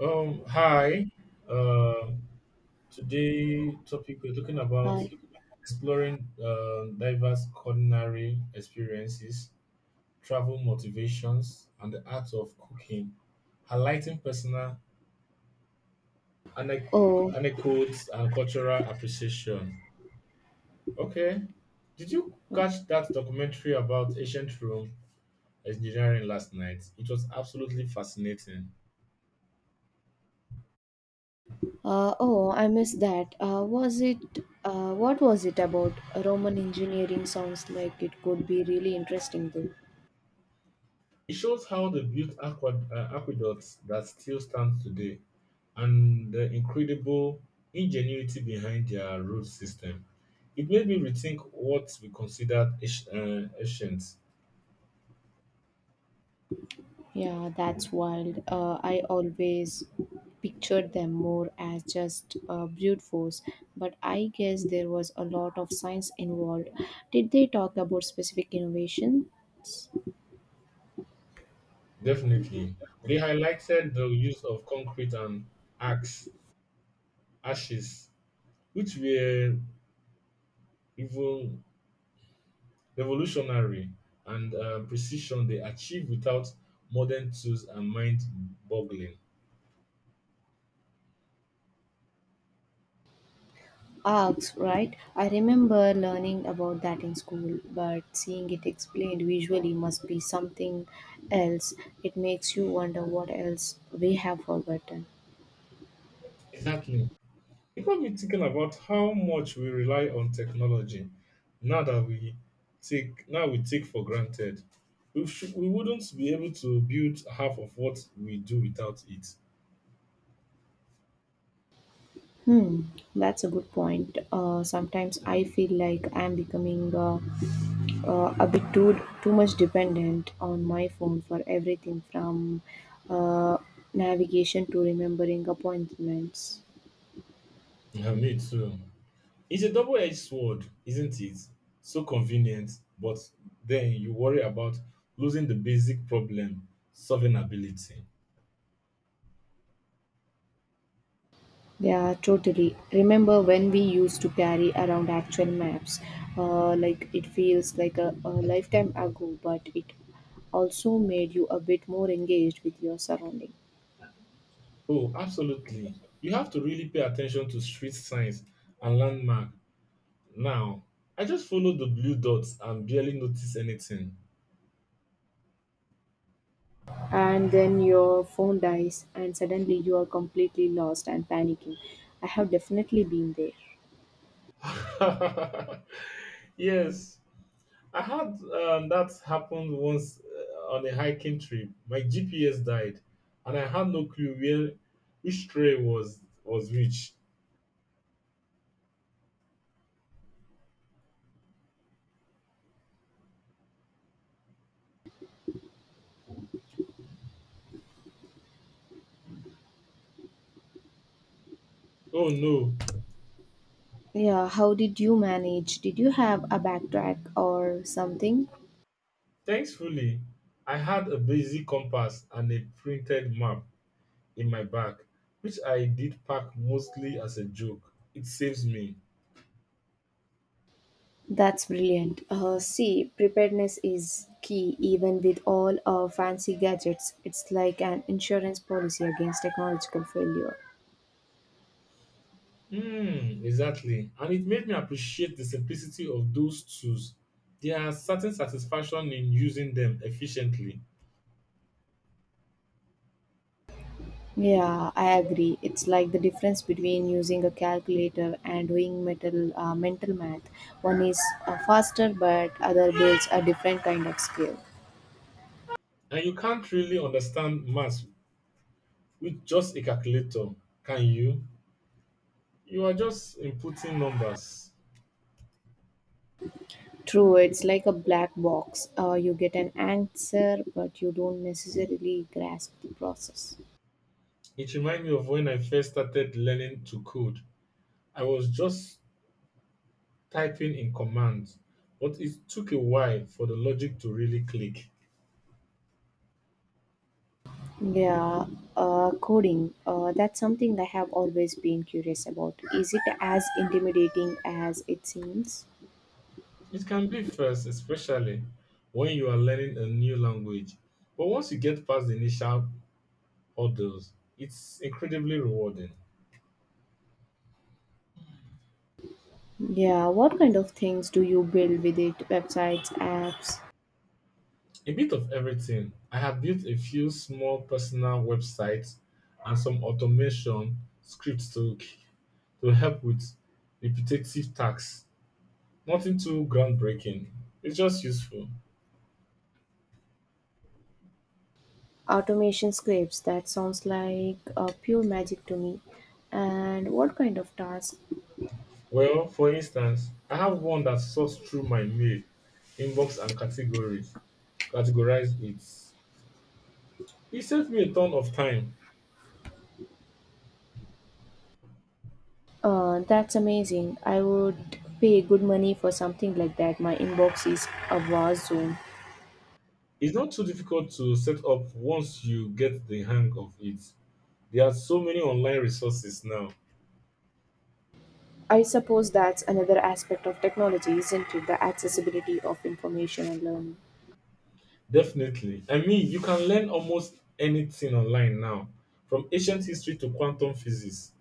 Hi. Uh, today topic we're talking about Hi. exploring diverse culinary experiences, travel motivations, and the art of cooking, highlighting personal anec- Oh, anecdotes and cultural appreciation. Okay, did you okay. catch that documentary about ancient Rome engineering last night? It was absolutely fascinating. Oh, I missed that. Was it? What was it about? Roman engineering sounds like it could be really interesting, though. It shows how they built aqueducts that still stand today and the incredible ingenuity behind their road system. It made me rethink what we considered ancient. Ancient. Yeah, that's wild. I always pictured them more as just brute force, but I guess there was a lot of science involved. Did they talk about specific innovations? Definitely. They highlighted the use of concrete and axe, ashes, which were even revolutionary and precision they achieved without modern tools and mind boggling. Arcs, right? I remember learning about that in school, but seeing it explained visually must be something else. It makes you wonder what else we have forgotten. Exactly. It got me thinking about how much we rely on technology now that we take for granted. We should, we wouldn't be able to build half of what we do without it. Hmm, that's a good point. Sometimes I feel like I'm becoming a bit too much dependent on my phone for everything from uh, navigation to remembering appointments. Yeah, me too. It's a double-edged sword, isn't it? So convenient, but then you worry about losing the basic problem solving ability. Yeah, totally. Remember when we used to carry around actual maps? Like it feels like a lifetime ago, but it also made you a bit more engaged with your surrounding. Oh, absolutely. You have to really pay attention to street signs and landmark. Now, I just follow the blue dots and barely notice anything. And then your phone dies, and suddenly you are completely lost and panicking. I have definitely been there. Yes, I had that happened once on a hiking trip. My GPS died, and I had no clue where which trail was which. Oh no! Yeah, how did you manage? Did you have a backtrack or something? Thankfully, I had a basic compass and a printed map in my bag, which I did pack mostly as a joke. It saves me. That's brilliant. See, preparedness is key even with all our fancy gadgets. It's like an insurance policy against technological failure. Mm, exactly. And it made me appreciate the simplicity of those tools. There are certain satisfaction in using them efficiently. Yeah, I agree. It's like the difference between using a calculator and doing mental math. One is faster, but other builds a different kind of skill. And you can't really understand math with just a calculator, can you? You are just inputting numbers. True, it's like a black box. You get an answer, but you don't necessarily grasp the process. It reminds me of when I first started learning to code. I was just typing in commands, but it took a while for the logic to really click. Yeah, coding. That's something I have always been curious about. Is it as intimidating as it seems? It can be first, especially when you are learning a new language. But once you get past the initial hurdles, it's incredibly rewarding. Yeah, what kind of things do you build with it? Websites, apps, A bit of everything. I have built a few small personal websites and some automation scripts to help with repetitive tasks. Nothing too groundbreaking. It's just useful. automation scripts? That sounds like pure magic to me. And what kind of task? Well, for instance, I have one that sorts through my mail, inbox, and categories categorize it. It saved me a ton of time. That's amazing. I would pay good money for something like that. My inbox is a war zone. It's not too difficult to set up once you get the hang of it. There are so many online resources now. I suppose that's another aspect of technology, isn't it? The accessibility of information and learning. Definitely. I mean, you can learn almost anything online now, from ancient history to quantum physics.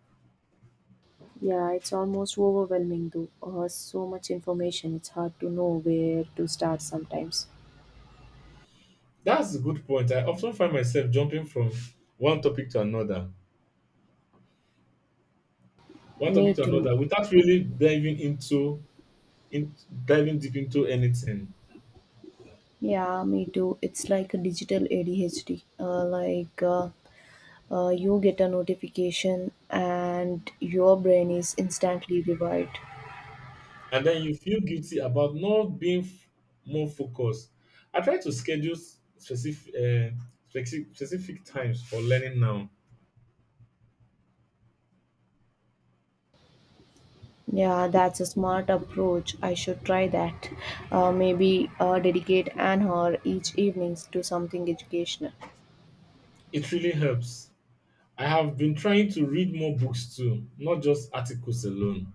Yeah, it's almost overwhelming though. So much information, it's hard to know where to start sometimes. That's a good point. I often find myself jumping from one topic to another, one topic Me to too. another, without really in, diving deep into anything. Yeah, me too. It's like a digital ADHD. You get a notification and your brain is instantly revived. And then you feel guilty about not being more focused. I try to schedule specific, specific times for learning now. Yeah, that's a smart approach. I should try that. Maybe dedicate an hour each evenings to something educational. It really helps. I have been trying to read more books too, not just articles alone.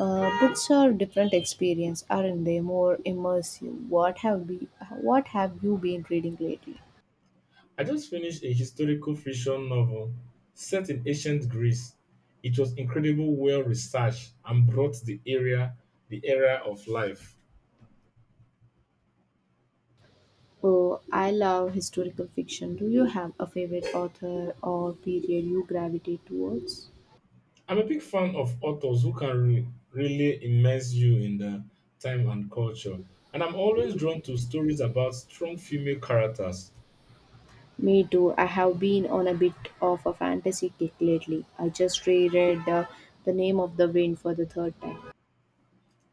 Books are different experience, aren't they? More immersive. What have you been reading lately? I just finished a historical fiction novel set in ancient Greece. It was incredible, well researched, and brought the era of life. Oh, I love historical fiction. Do you have a favorite author or period you gravitate towards? I'm a big fan of authors who can really immerse you in the time and culture. And I'm always drawn to stories about strong female characters. Me too. I have been on a bit of a fantasy kick lately. I just reread The Name of the Wind for the third time.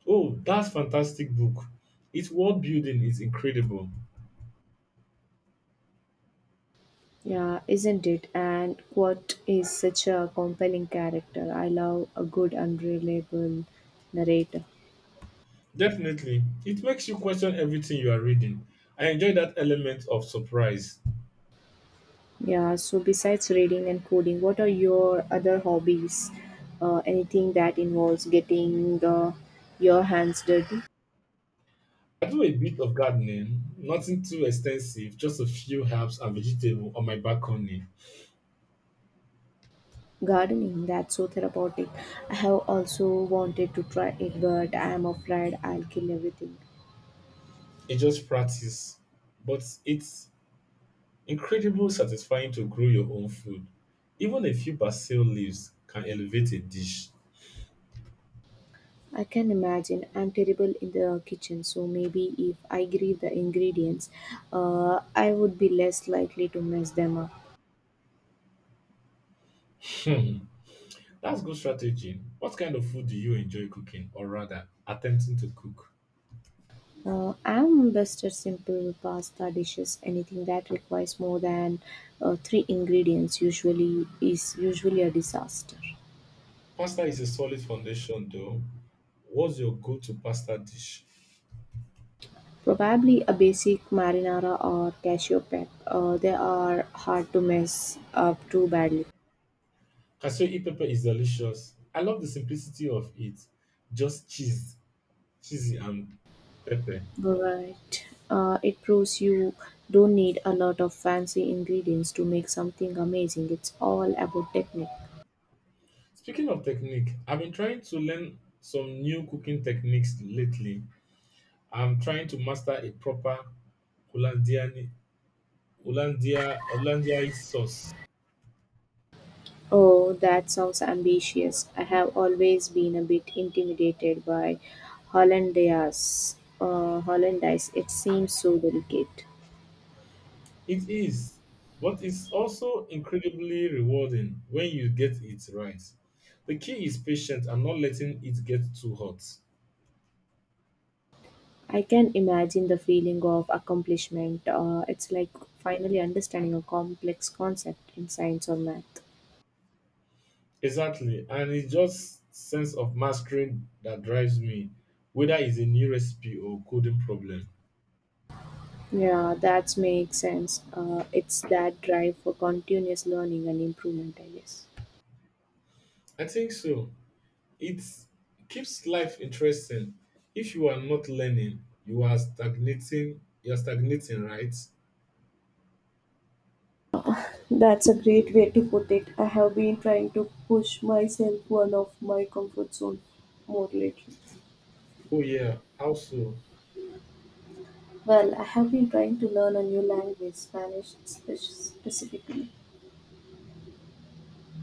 Oh, that's fantastic book. Its world building is incredible. Yeah, isn't it? And what is such a compelling character? I love a good, unreliable narrator. Definitely, it makes you question everything you are reading. I enjoy that element of surprise. Yeah, so besides reading and coding, what are your other hobbies? Anything that involves getting your hands dirty? I do a bit of gardening, nothing too extensive, just a few herbs and vegetables on my balcony. Gardening, that's so therapeutic. I have also wanted to try it, but I am afraid I'll kill everything. It's just practice, but it's incredibly satisfying to grow your own food. Even a few basil leaves can elevate a dish. I can imagine. I'm terrible in the kitchen, so maybe if I grieve the ingredients, I would be less likely to mess them up. Hmm, that's good strategy. What kind of food do you enjoy cooking, or rather, attempting to cook? I'm best at simple pasta dishes. Anything that requires more than three ingredients usually is usually a disaster. Pasta is a solid foundation, though. What's your go to pasta dish? Probably a basic marinara or cashew pep. They are hard to mess up too badly. Cashew e pepper is delicious. I love the simplicity of it. Just cheesy, and pepper. But it proves you don't need a lot of fancy ingredients to make something amazing. It's all about technique. Speaking of technique, I've been trying to learn some new cooking techniques lately. I'm trying to master a proper Hollandian Hollandia Hollandiaise sauce. Oh, that sounds ambitious. I have always been a bit intimidated by hollandaise. Hollandaise. It seems so delicate. It is, but it's also incredibly rewarding when you get it right. The key is patience and not letting it get too hot. I can imagine the feeling of accomplishment. It's like finally understanding a complex concept in science or math. Exactly, and it's just sense of mastery that drives me, whether it's a new recipe or coding problem. Yeah, that makes sense. It's that drive for continuous learning and improvement, I guess. I think so. It keeps life interesting. If you are not learning, You are stagnating, right? That's a great way to put it. I have been trying to push myself out of my comfort zone more lately. Oh yeah. How so? Well, I have been trying to learn a new language, specifically.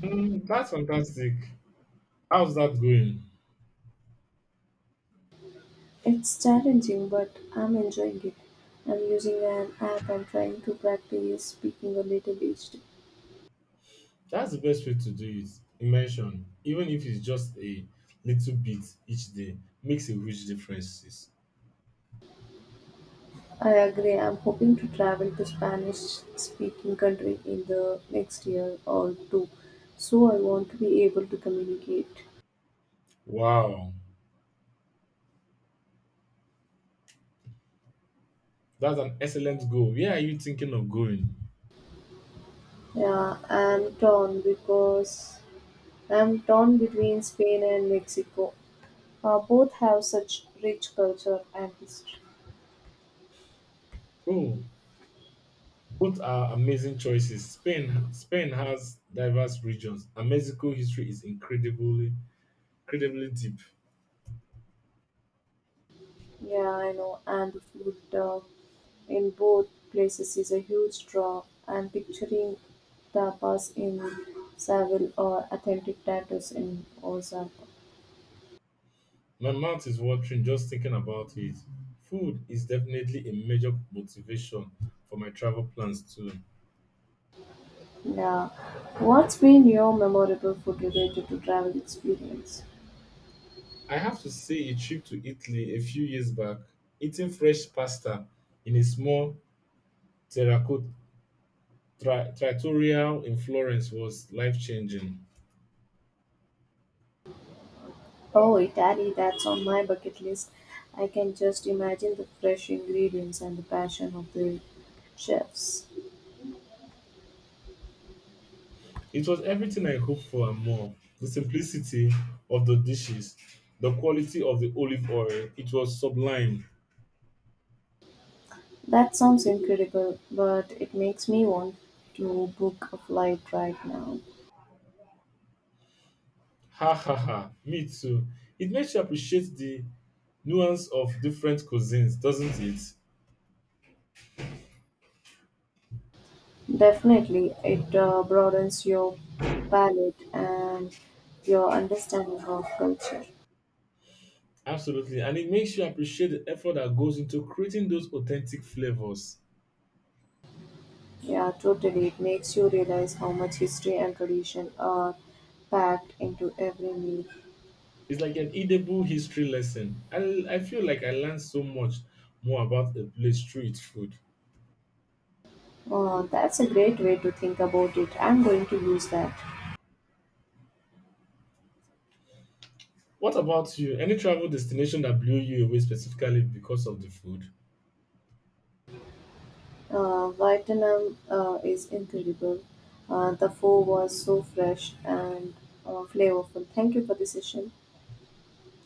Mm, that's fantastic. How's that going? It's challenging, but I'm enjoying it. I'm using an app and trying to practice speaking a little each day. That's the best way to do it. Immersion, even if it's just a little bit each day, makes a huge difference. I agree. I'm hoping to travel to Spanish speaking country in the next year or two. So I want to be able to communicate. Wow, that's an excellent goal. Where are you thinking of going? Yeah, I'm torn between Spain and Mexico. Both have such rich culture and history. Oh, both are amazing choices. Spain has diverse regions, and Mexico history is incredibly deep. Yeah, I know. And the food in both places is a huge draw. I'm picturing tapas in Seville or authentic tattoos in Ozark. My mouth is watering just thinking about it. Food is definitely a major motivation for my travel plans too. Yeah. What's been your memorable food related to travel experience? I have to say a trip to Italy a few years back, eating fresh pasta in a small terracotta trattoria in Florence was life-changing. Oh, Italy, that's on my bucket list. I can just imagine the fresh ingredients and the passion of the chefs. It was everything I hoped for and more. The simplicity of the dishes, the quality of the olive oil, it was sublime. That sounds incredible, but it makes me want to book a flight right now. Ha ha ha. Me too. It makes you appreciate the nuance of different cuisines, doesn't it? Definitely, it broadens your palate and your understanding of culture. Absolutely. And it makes you appreciate the effort that goes into creating those authentic flavors. Yeah, totally. It makes you realize how much history and tradition are packed into every meal. It's like an edible history lesson. I feel like I learned so much more about a place through its food. Oh, that's a great way to think about it. I'm going to use that. What about you? Any travel destination that blew you away specifically because of the food? Vietnam is incredible. The pho was so fresh and flavorful. Thank you for the session.